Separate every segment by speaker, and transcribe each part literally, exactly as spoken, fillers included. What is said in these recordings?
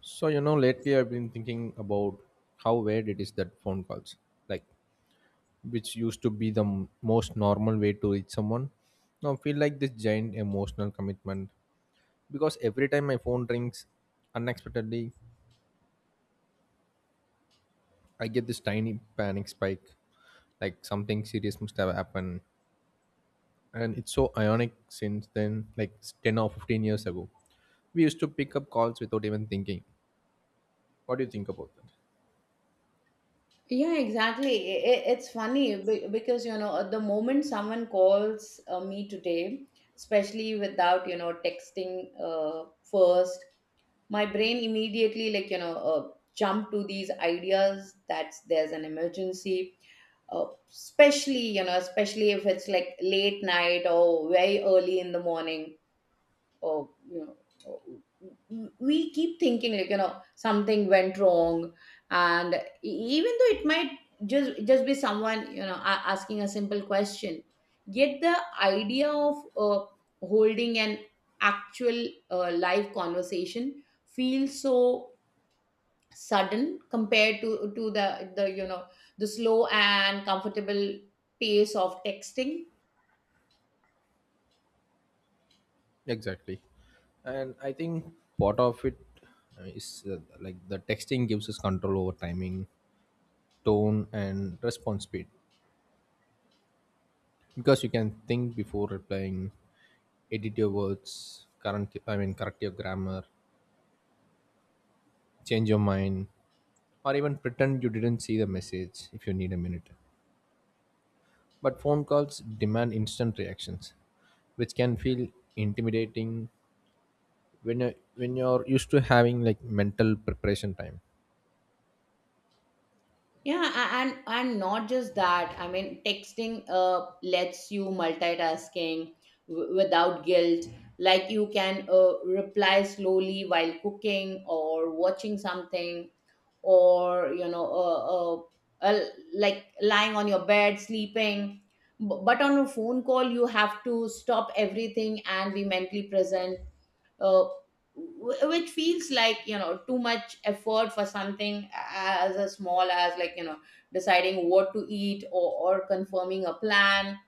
Speaker 1: So, you know, lately I've been thinking about how weird it is that phone calls, like, which used to be the m- most normal way to reach someone, now feel like this giant emotional commitment because every time my phone rings unexpectedly, I get this tiny panic spike, like something serious must have happened. And it's so ironic since then, like ten or fifteen years ago, we used to pick up calls without even thinking. What do you think about that?
Speaker 2: Yeah, exactly. I- i- It's funny be- because, you know, at the moment someone calls uh, me today, especially without, you know, texting uh, first, my brain immediately, like, you know, uh, jump to these ideas that there's an emergency, uh, especially, you know, especially if it's like late night or very early in the morning or you know, w- we keep thinking like you know something went wrong, and e- even though it might just just be someone you know a- asking a simple question, yet the idea of uh, holding an actual uh, live conversation feels so sudden compared to to the the you know the slow and comfortable pace of texting.
Speaker 1: Exactly. And I think part of it uh, is uh, like the texting gives us control over timing, tone, and response speed because you can think before replying, edit your words, current I mean correct your grammar, change your mind, or even pretend you didn't see the message if you need a minute. But phone calls demand instant reactions, which can feel intimidating when you when you're used to having like mental preparation time.
Speaker 2: Yeah, a- and and not just that. I mean, texting uh lets you multitasking w- without guilt. Like you can uh, reply slowly while cooking or watching something, or you know, uh, uh, uh, like lying on your bed sleeping. B- But on a phone call, you have to stop everything and be mentally present, uh, wh- which feels like you know too much effort for something as a small as like you know deciding what to eat, or, or confirming a plan.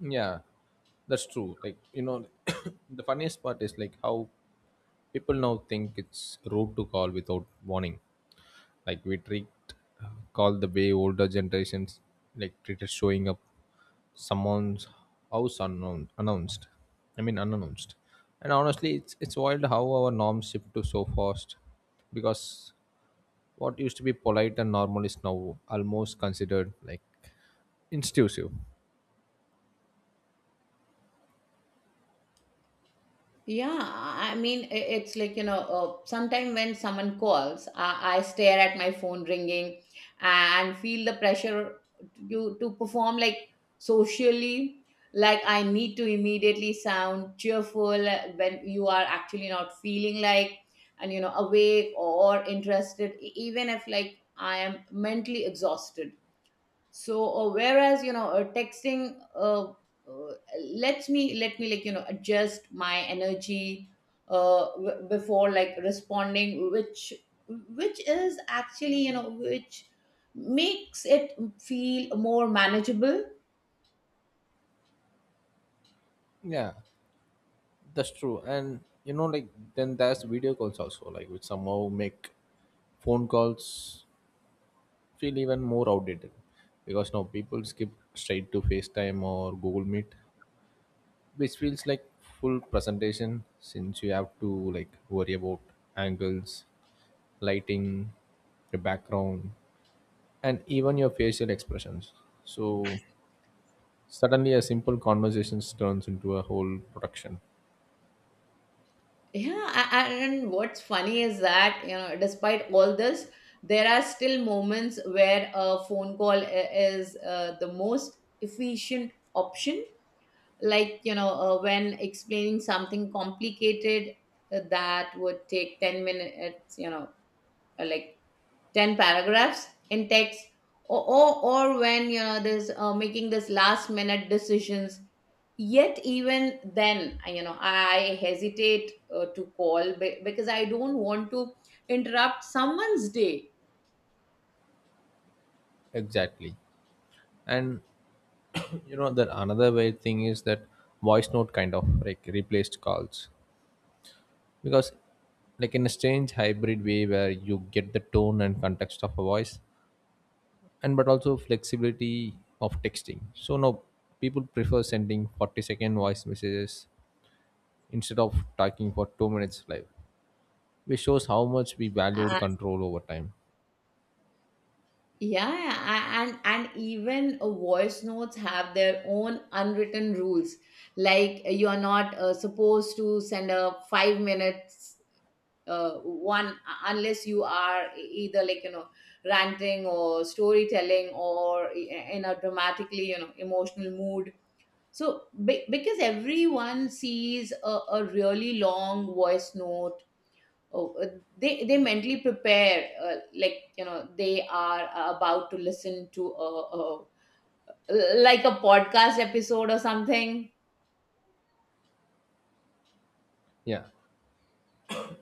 Speaker 1: Yeah, that's true. Like, you know, the funniest part is like how people now think it's rude to call without warning. Like, we treat uh, call the way older generations like treated showing up someone's house unknown announced. I mean, unannounced. And honestly, it's it's wild how our norms shift to so fast because what used to be polite and normal is now almost considered like intrusive.
Speaker 2: Yeah, I mean, i- it's like, you know, uh, sometime when someone calls, I, I stare at my phone ringing and feel the pressure to, to perform like socially. Like I need to immediately sound cheerful when you are actually not feeling like, and you know, awake or interested, e- even if like I am mentally exhausted, so uh, whereas you know uh, texting uh, uh, lets me let me like you know adjust my energy uh, w- before like responding, which which is actually you know which makes it feel more manageable.
Speaker 1: Yeah. That's true. And you know, like then there's video calls also, like which somehow make phone calls feel even more outdated. Because now people skip straight to FaceTime or Google Meet, which feels like full presentation since you have to like worry about angles, lighting, your background, and even your facial expressions. So suddenly a simple conversation turns into a whole production.
Speaker 2: Yeah, a- a- and what's funny is that you know despite all this there are still moments where a phone call i- is uh, the most efficient option, like you know uh, when explaining something complicated, uh, that would take ten minutes, you know uh, like ten paragraphs in text, or, or or when you know there's uh, making this last minute decisions, yet even then I- you know I hesitate uh, to call be- because I don't want to interrupt someone's day.
Speaker 1: Exactly. And you know that another weird thing is that voice note kind of like replaced calls because like in a strange hybrid way where you get the tone and context of a voice and but also flexibility of texting, so now people prefer sending forty second voice messages instead of talking for two minutes live, which shows how much we valued control over time.
Speaker 2: Yeah, a- and and even uh, voice notes have their own unwritten rules. Like you are not uh, supposed to send a five minutes uh, one unless you are e-, either like you know ranting or storytelling or e-, in a dramatically you know emotional mood. So be- because everyone sees a, a really long voice note, oh, uh, they they mentally prepare, uh, like you know they are uh, about to listen to a, a like a podcast episode or something.
Speaker 1: Yeah,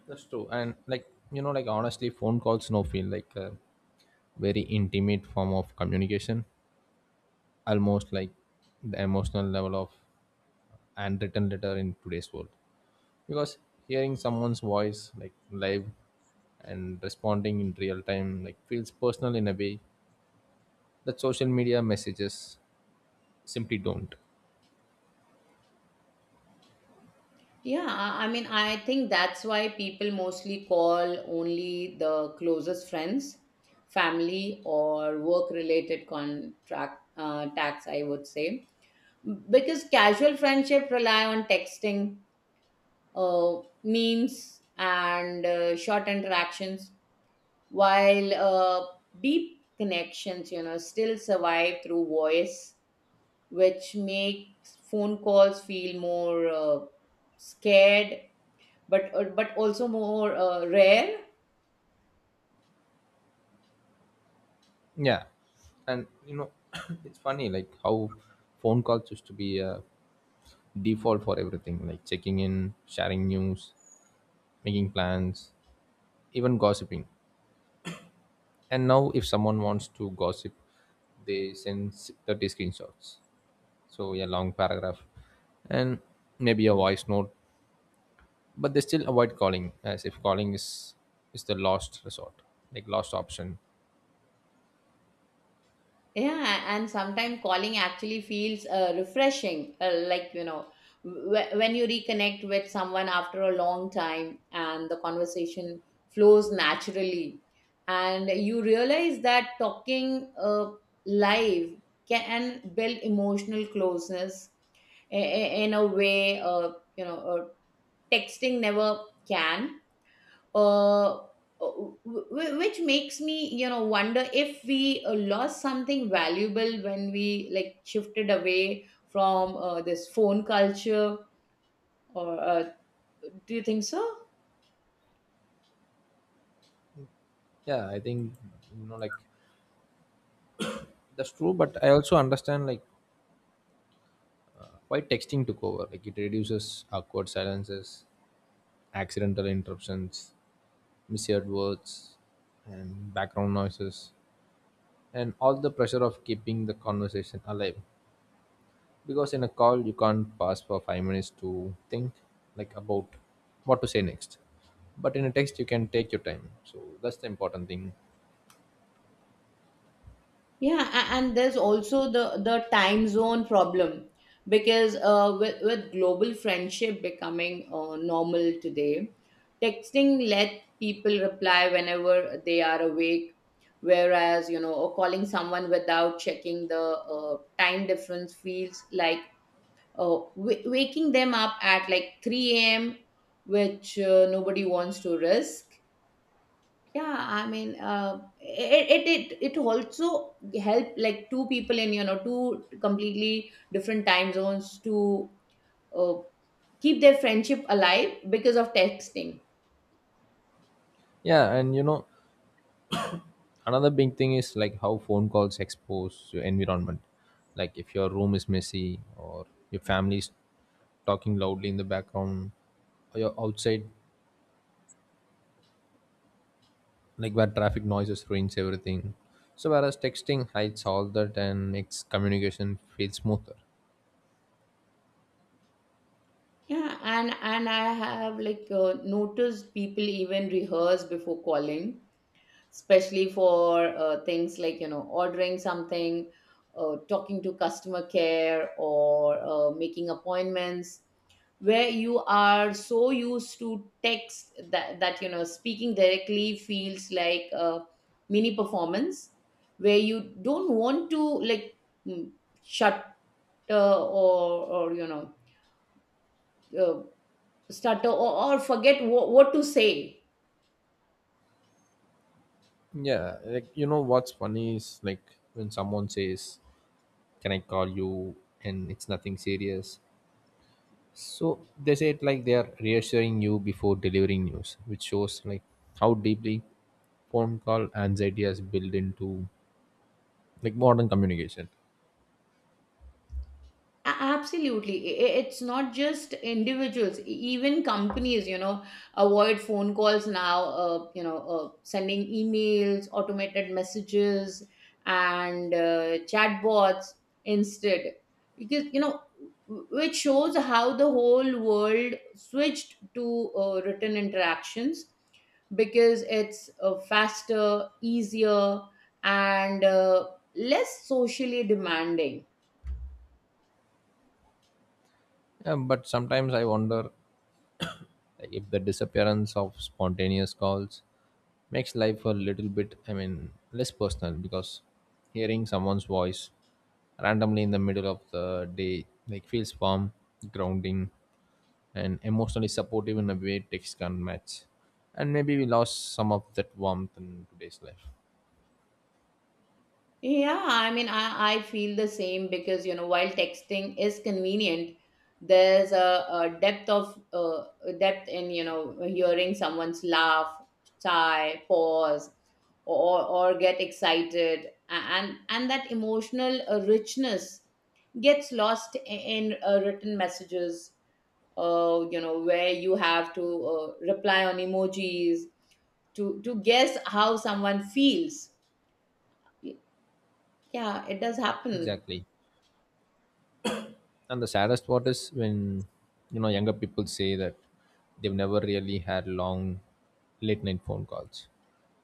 Speaker 1: that's true. And like you know like honestly phone calls now feel like a very intimate form of communication, almost like the emotional level of handwritten letter in today's world because hearing someone's voice like live and responding in real time like feels personal in a way that social media messages simply don't.
Speaker 2: Yeah, i I mean I think that's why people mostly call only the closest friends, family, or work related contract, uh, tax I would say, because casual friendship rely on texting, uh, memes, and uh, short interactions, while uh, deep connections you know still survive through voice, which makes phone calls feel more uh, scared, but uh, but also more uh, rare.
Speaker 1: Yeah. And you know it's funny like how phone calls used to be a default for everything, like checking in, sharing news, making plans, even gossiping. And now, if someone wants to gossip, they send s- thirty screenshots. So, a long paragraph and maybe a voice note, but they still avoid calling as if calling is, is the last resort, like last option.
Speaker 2: Yeah, and sometimes calling actually feels uh, refreshing, uh, like you know, wh- when you reconnect with someone after a long time and the conversation flows naturally, and you realize that talking uh, live can build emotional closeness i- i- in a way, uh, you know, uh, texting never can, uh, w- which makes me you know wonder if we uh, lost something valuable when we like shifted away from uh, this phone culture, or uh, do you think so?
Speaker 1: Yeah, I think, you know, like that's true, but I also understand like why texting took over. Like it reduces awkward silences, accidental interruptions, misheard words, and background noises and all the pressure of keeping the conversation alive because in a call you can't pause for five minutes to think like about what to say next, but in a text you can take your time, so that's the important thing.
Speaker 2: Yeah, a- and there's also the the time zone problem because uh, with, with global friendship becoming uh, normal today, texting let people reply whenever they are awake, whereas you know, or calling someone without checking the uh, time difference feels like uh, w- waking them up at like three a m, which uh, nobody wants to risk. Yeah, I mean uh, it, it it it also help like two people in you know two completely different time zones to uh, keep their friendship alive because of texting.
Speaker 1: Yeah. And you know another big thing is like how phone calls expose your environment, like if your room is messy or your family's talking loudly in the background or you're outside like where traffic noises ruins everything. So whereas texting hides all that and makes communication feel smoother.
Speaker 2: Yeah, and and I have like uh, noticed people even rehearse before calling, especially for uh, things like you know ordering something, uh, talking to customer care, or uh, making appointments, where you are so used to text that, that you know speaking directly feels like a mini performance, where you don't want to like mm, shutter or or you know uh, stutter, or, or forget what, what to say.
Speaker 1: Yeah, like you know what's funny is like when someone says, "Can I call you?" and it's nothing serious. So they say it like they are reassuring you before delivering news, which shows like how deeply phone call anxiety has built into like modern communication.
Speaker 2: A- Absolutely. I- i- It's not just individuals, e- even companies, you know, avoid phone calls now, uh, you know, uh, sending emails, automated messages, and uh, chatbots instead. Because, you know, w- which shows how the whole world switched to uh, written interactions, because it's uh, faster, easier, and uh, less socially demanding.
Speaker 1: Yeah, but sometimes I wonder if the disappearance of spontaneous calls makes life a little bit, I mean, less personal because hearing someone's voice randomly in the middle of the day like feels warm, grounding, and emotionally supportive in a way text can't match. And maybe we lost some of that warmth in today's life.
Speaker 2: Yeah, I mean, I, I feel the same because, you know, while texting is convenient, there's a, a depth of uh, a depth in, you know, hearing someone's laugh, sigh, pause, or or get excited. A- and and that emotional uh, richness gets lost i- in uh, written messages. Uh, you know, where you have to uh, reply on emojis to to guess how someone feels. Y- Yeah, it does happen.
Speaker 1: Exactly. And the saddest part is when you know younger people say that they've never really had long late night phone calls,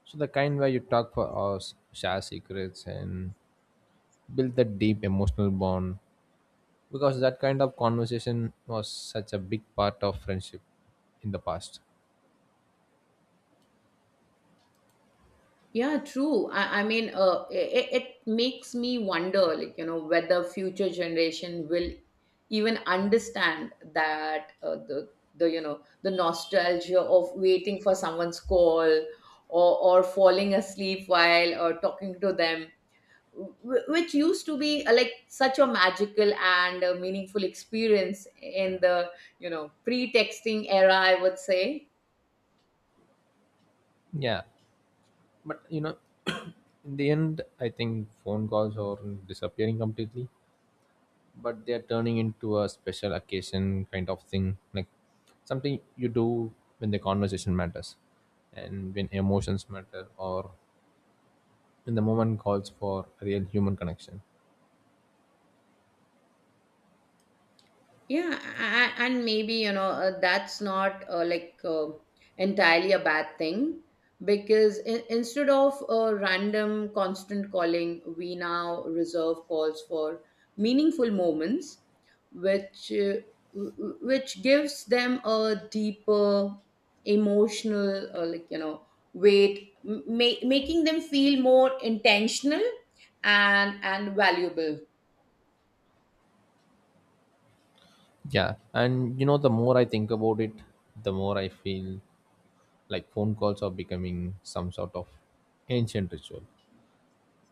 Speaker 1: so the kind where you talk for hours, share secrets, and build that deep emotional bond because that kind of conversation was such a big part of friendship in the past.
Speaker 2: Yeah, true. I, I mean, uh, it, it makes me wonder, like, you know, whether future generation will even understand that uh, the the you know the nostalgia of waiting for someone's call, or or falling asleep while or talking to them, wh- which used to be uh, like such a magical and uh, meaningful experience in the you know pre-texting era, I would say.
Speaker 1: Yeah, but you know in the end I think phone calls are disappearing completely, but they're turning into a special occasion kind of thing, like something you do when the conversation matters and when emotions matter or when the moment calls for real human connection.
Speaker 2: Yeah, a- a- and maybe, you know, uh, that's not uh, like uh, entirely a bad thing, because in- instead of a random constant calling, we now reserve calls for meaningful moments, which uh, w- w- which gives them a deeper emotional, uh, like, you know, weight, m- ma- making them feel more intentional and and valuable.
Speaker 1: Yeah. And you know the more I think about it, the more I feel like phone calls are becoming some sort of ancient ritual.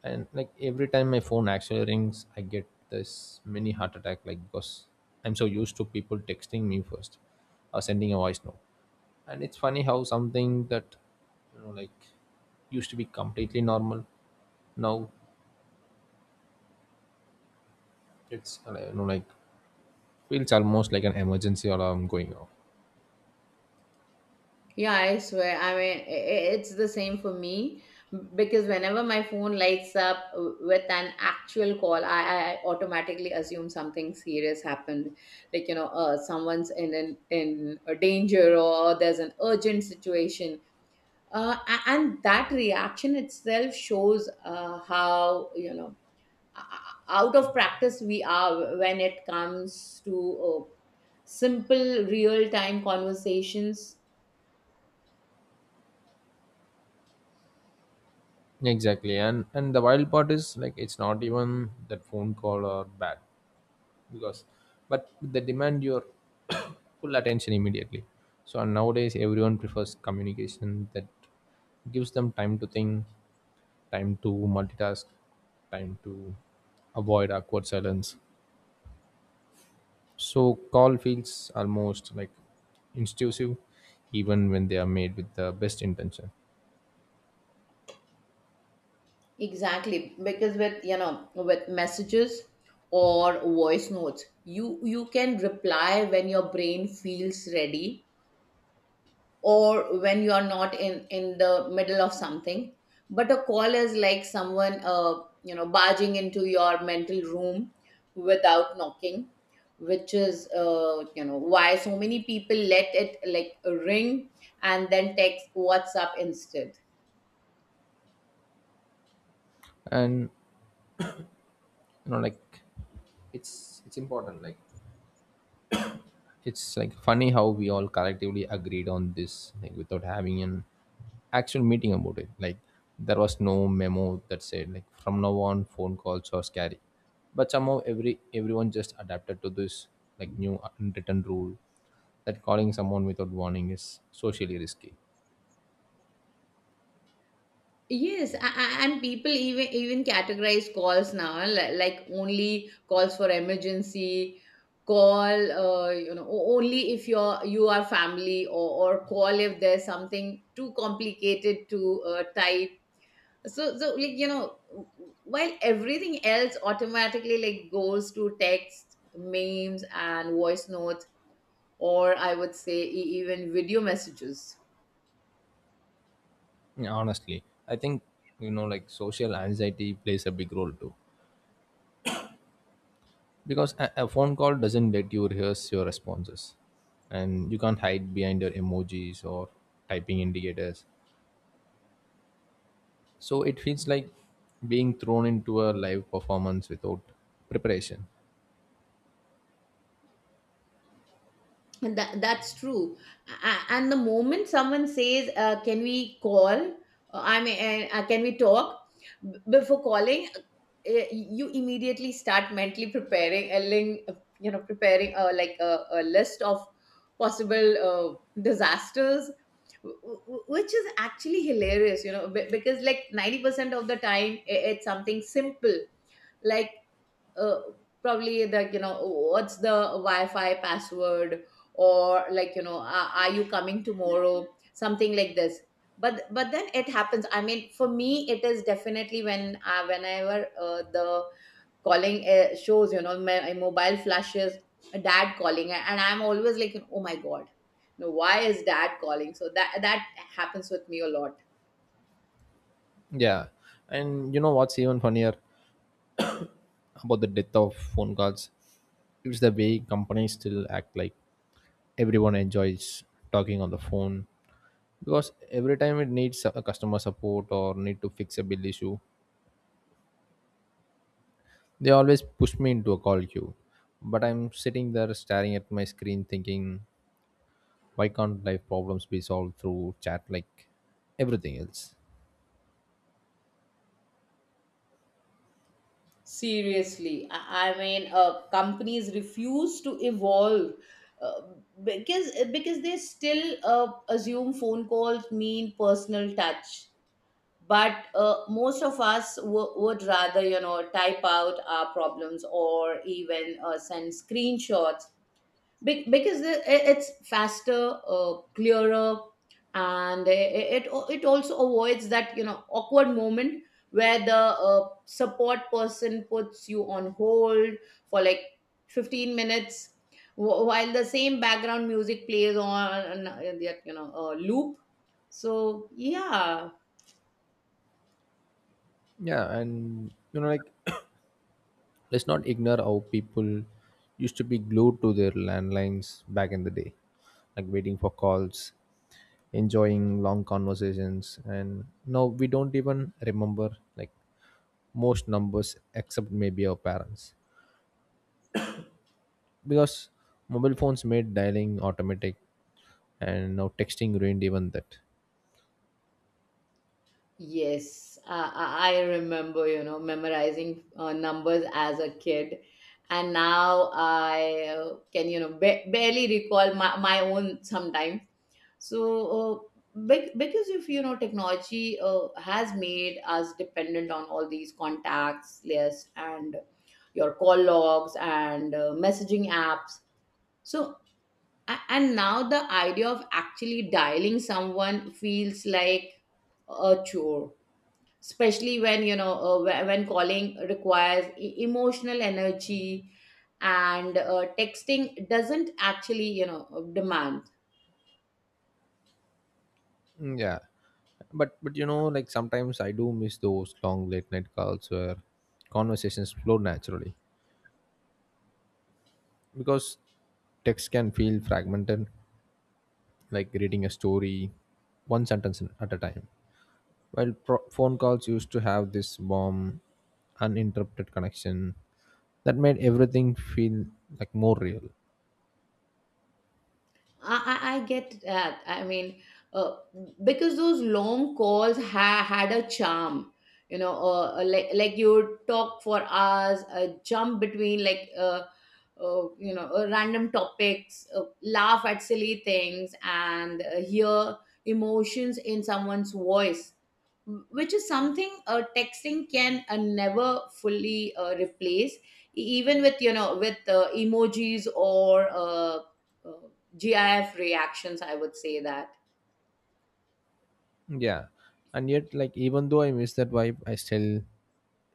Speaker 1: And like every time my phone actually rings I get this mini heart attack, like because I'm so used to people texting me first or sending a voice note. And it's funny how something that you know like used to be completely normal, now it's uh, you know like feels almost like an emergency alarm going off.
Speaker 2: Yeah, I swear. I mean, i- i- it's the same for me, because whenever my phone lights up with an actual call, I, I automatically assume something serious happened, like you know, uh, someone's in an, in a danger, or there's an urgent situation. Uh, a- and that reaction itself shows uh, how you know out of practice we are when it comes to uh, simple real time conversations.
Speaker 1: Exactly. And and the wild part is like it's not even that phone call or bad because but they demand your full attention immediately. So and nowadays everyone prefers communication that gives them time to think, time to multitask, time to avoid awkward silence, so call feels almost like intrusive even when they are made with the best intention.
Speaker 2: Exactly, because with you know with messages or voice notes, you you can reply when your brain feels ready, or when you are not in in the middle of something. But a call is like someone uh you know barging into your mental room without knocking, which is uh you know why so many people let it like ring and then text WhatsApp instead.
Speaker 1: And you know like it's it's important, like it's like funny how we all collectively agreed on this like without having an actual meeting about it. Like there was no memo that said like from now on phone calls are scary, but somehow every everyone just adapted to this like new unwritten rule that calling someone without warning is socially risky.
Speaker 2: Yes, a- a- and people even even categorize calls now, eh, li- like only calls for emergency, call uh, you know o- only if you're you are family, or or call if there's something too complicated to uh, type. So so like you know, while everything else automatically like goes to text, memes, and voice notes, or I would say e- even video messages.
Speaker 1: Yeah, honestly I think you know like social anxiety plays a big role too because a, a phone call doesn't let you rehearse your responses, and you can't hide behind your emojis or typing indicators, so it feels like being thrown into a live performance without preparation.
Speaker 2: And that, that's true. A- And the moment someone says, uh, "Can we call?" Uh, I mean, uh, uh, "Can we talk?" B- Before calling, uh, you immediately start mentally preparing a link, you know, preparing uh, like a, a list of possible uh, disasters, w- w- which is actually hilarious, you know, be- because like ninety percent of the time, i- it's something simple like uh, probably like you know what's the wi-fi password, or like you know are, are you coming tomorrow, something like this. but but then it happens, I mean for me it is definitely when uh, whenever uh, the calling uh, shows you know my, my mobile flashes dad calling, and I'm always like, oh my god, no, why is dad calling? So that that happens with me a lot.
Speaker 1: Yeah. And you know what's even funnier about the death of phone calls, it's the way companies still act like everyone enjoys talking on the phone because every time it needs a customer support or need to fix a bill issue, they always push me into a call queue, but I'm sitting there staring at my screen thinking, why can't life problems be solved through chat like everything else?
Speaker 2: Seriously, I, I mean, uh, companies refuse to evolve uh, because because they still uh, assume phone calls mean personal touch. But uh, most of us w- would rather, you know, type out our problems, or even uh, send screenshots, be- because the- i- it's faster, uh, clearer, and i- it it also avoids that you know awkward moment where the uh, support person puts you on hold for like fifteen minutes, wh- while the same background music plays on, uh, that you know uh, loop, so yeah.
Speaker 1: Yeah, and you know, like, let's not ignore how people used to be glued to their landlines back in the day, like waiting for calls, enjoying long conversations, and now we don't even remember like most numbers except maybe our parents because mobile phones made dialing automatic and now texting ruined even that.
Speaker 2: Yes, I, I I remember, you know, memorizing uh, numbers as a kid. And now I uh, can, you know, ba- barely recall my, my own sometimes. So, uh, bec- because if, you know, technology uh, has made us dependent on all these contacts lists, and your call logs, and uh, messaging apps. So, a- and now the idea of actually dialing someone feels like a chore, especially when you know uh, wh- when calling requires e- emotional energy and uh, texting doesn't actually you know uh, demand.
Speaker 1: Mm, yeah, but but you know like sometimes I do miss those long late night calls where conversations flow naturally because text can feel fragmented, like reading a story one sentence in- at a time while pro- phone calls used to have this warm uninterrupted connection that made everything feel like more real.
Speaker 2: I, I, I get that. i mean uh, because those long calls ha- had a charm. you know uh, uh, like like you would talk for hours, uh, jump between like uh, uh, you know uh, random topics, uh, laugh at silly things, and uh, hear emotions in someone's voice, which is something uh, texting can uh, never fully uh, replace. E- even with you know with uh, emojis or uh, uh, gif reactions, I would say that.
Speaker 1: Yeah. And yet, like, even though I miss that vibe, I still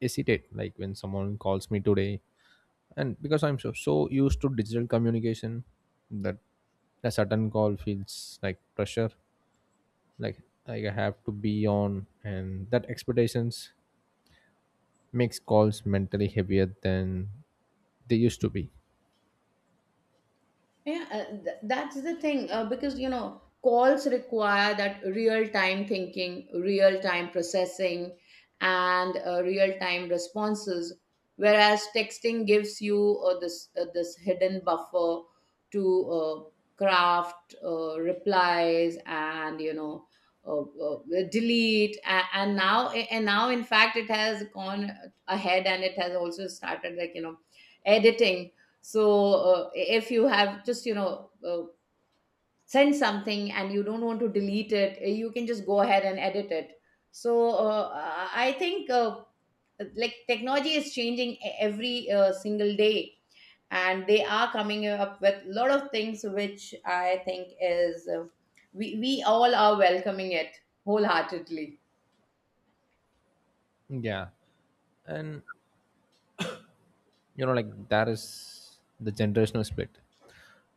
Speaker 1: hesitate. Like, when someone calls me today, and because I'm so, so used to digital communication, that a sudden call feels like pressure. Like, like I have to be on, and that expectations makes calls mentally heavier than they used to be.
Speaker 2: Yeah, uh, th- that's the thing, uh, because you know calls require that real time thinking, real time processing, and uh, real time responses. Whereas texting gives you uh, this uh, this hidden buffer to uh, craft uh, replies and you know uh, uh, delete. And, and now and now in fact it has gone ahead and it has also started, like, you know, editing. So uh, if you have just you know uh, send something and you don't want to delete it, uh, you can just go ahead and edit it. So uh, i I think, uh, like, technology is changing e- every uh, single day and they are coming up with a lot of things which I think is uh, we, we all are welcoming it wholeheartedly.
Speaker 1: Yeah. And, you know, like, that is the generational split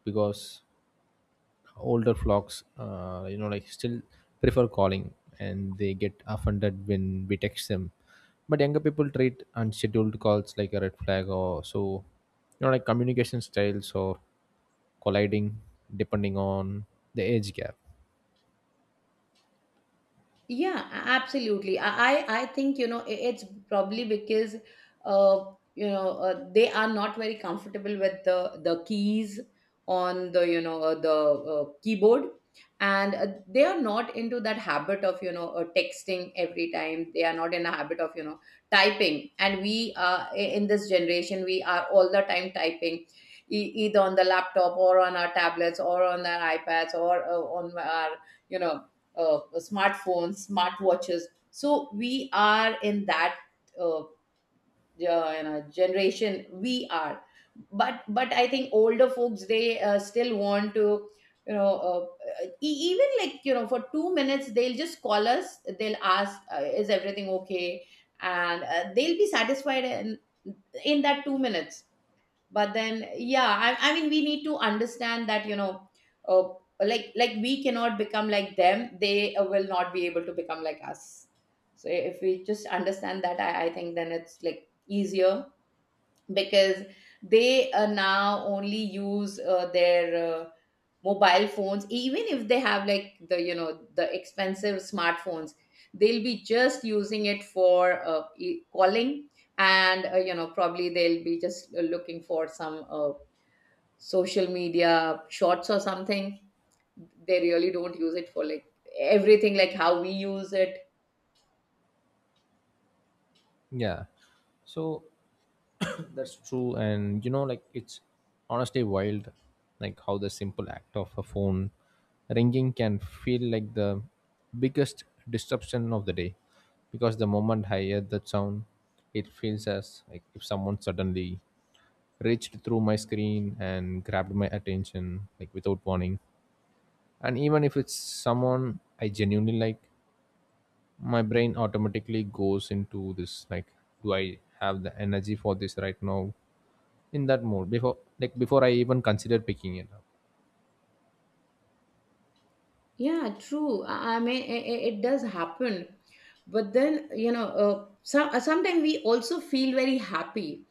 Speaker 1: because older flocks uh, you know like still prefer calling and they get offended when we text them, but younger people treat unscheduled calls like a red flag or so. you know like communication styles or colliding depending on the age gap.
Speaker 2: Yeah, a- absolutely. I I I think, you know, i- it's probably because uh you know uh, they are not very comfortable with the the keys on the you know uh, the uh, keyboard, and uh, they are not into that habit of you know uh, texting every time. They are not in a habit of you know typing, and we uh, i- in this generation we are all the time typing, e- either on the laptop or on our tablets or on our iPads or uh, on our you know uh, smartphones, smartwatches. So we are in that uh, uh, you know, generation. We are, but but I think older folks they uh, still want to, you know, uh, e- even, like, you know, for two minutes they'll just call us. They'll ask, uh, is everything okay? And uh, they'll be satisfied in in that two minutes. But then, yeah, I, I mean, we need to understand that you know uh, like like we cannot become like them, they uh, will not be able to become like us. So if we just understand that, i, I think then it's like easier, because they uh, now only use uh, their uh, mobile phones. Even if they have, like, the you know, the expensive smartphones, they'll be just using it for uh, e- calling, and uh, you know probably they'll be just uh, looking for some uh, social media shorts or something. They really don't use it for like everything like how we use it.
Speaker 1: Yeah. So that's true. And you know, like it's honestly wild, like how the simple act of a phone ringing can feel like the biggest disruption of the day. Because the moment I hear that sound, it feels as like if someone suddenly reached through my screen and grabbed my attention like without warning. And even if it's someone I genuinely like, my brain automatically goes into this like, do I have the energy for this right now, in that mode before like before I even consider picking it up.
Speaker 2: Yeah, true. I I mean, i- i- it does happen. But then, you know, uh, some, uh, sometimes we also feel very happy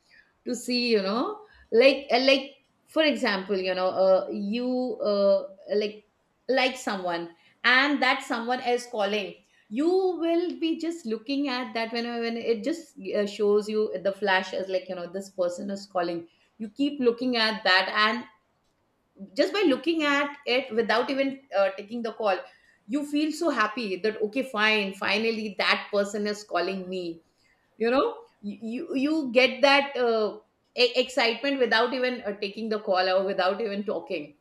Speaker 2: to see, you know, like, uh, like for example, you know, uh, you uh, like like someone, and that someone is calling. You will be just looking at that when when it just uh, shows you the flash, as like you know this person is calling. You keep looking at that, and just by looking at it without even uh, taking the call, you feel so happy that okay, fine, finally that person is calling me, you know. You you, you get that uh, e- excitement without even uh, taking the call or without even talking.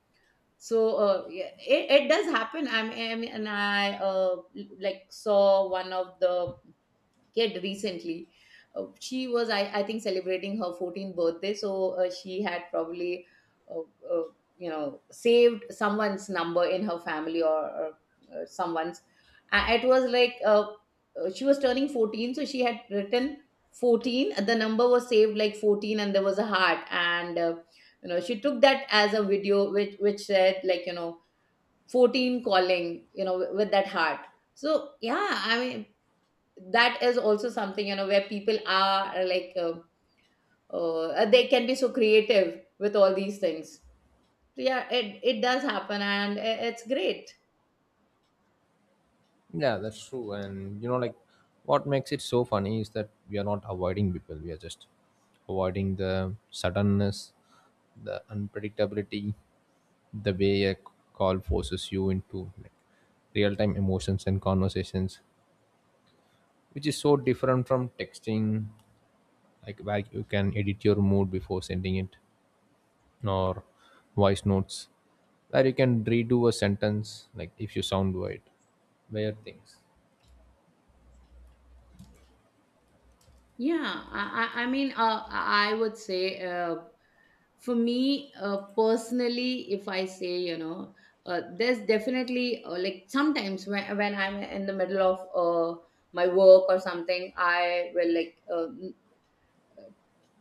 Speaker 2: So uh, yeah, it, it does happen. I'm, i mean, and I uh, like, saw one of the kid recently. Uh, she was, I, I think, celebrating her fourteenth birthday. So uh, she had probably, uh, uh, you know, saved someone's number in her family, or, or uh, someone's. A- It was like uh, uh, she was turning fourteen. So she had written fourteen. The number was saved like fourteen and there was a heart. And, uh, you know, she took that as a video which, which said, like, you know, fourteen calling, you know, with that heart. So yeah, I mean, that is also something, you know, where people are like uh, uh, they can be so creative with all these things. Yeah, it, it does happen and i- it's great.
Speaker 1: Yeah, that's true. And you know like what makes it so funny is that we are not avoiding people, we are just avoiding the suddenness, the unpredictability, the way a call forces you into like real-time emotions and conversations, which is so different from texting, like where you can edit your mood before sending it or voice notes where you can redo a sentence like if you sound weird, weird things.
Speaker 2: Yeah, I, I I mean, uh, I would say, uh, for me uh, personally, if I say, you know, uh, there's definitely uh, like sometimes when, when I'm in the middle of uh, my work or something, I will like uh,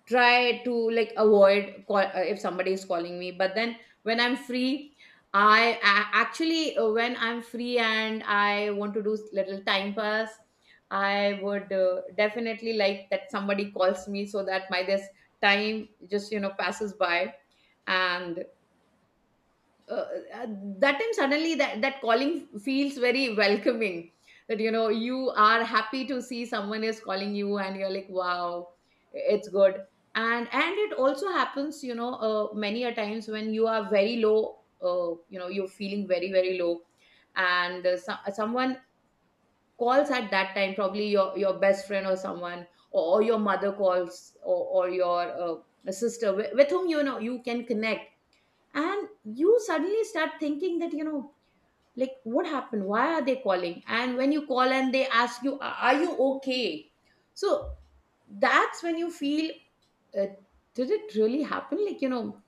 Speaker 2: try to like avoid call, uh, if somebody is calling me. But then when I'm free, I, a- actually uh, when I'm free and I want to do little time pass, I would uh, definitely like that somebody calls me so that my this time just you know passes by. And uh, uh, that time suddenly that that calling feels very welcoming, that you know you are happy to see someone is calling you and you're like, wow, it's good. and and it also happens, you know, uh, many a times when you are very low, uh, you know, you're feeling very very low, and uh, so, uh, someone calls at that time, probably your your best friend or someone, or, or your mother calls, or, or your uh, sister, with, with whom you know you can connect, and you suddenly start thinking that you know like what happened, why are they calling. And when you call and they ask you, "A- Are you okay?" So that's when you feel uh, did it really happen, like, you know,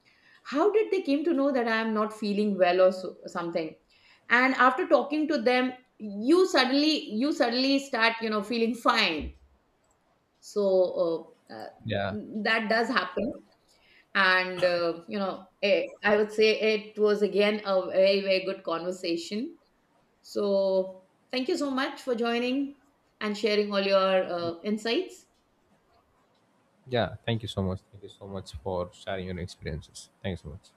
Speaker 2: how did they came to know that I am not feeling well or so, something. And after talking to them, you suddenly you suddenly start, you know, feeling fine. So uh, uh,
Speaker 1: Yeah,
Speaker 2: that does happen. And uh, you know eh, I would say it was again a very very good conversation. So thank you so much for joining and sharing all your uh, insights.
Speaker 1: yeah, thank you so much. Thank you so much for sharing your experiences. Thank you so much.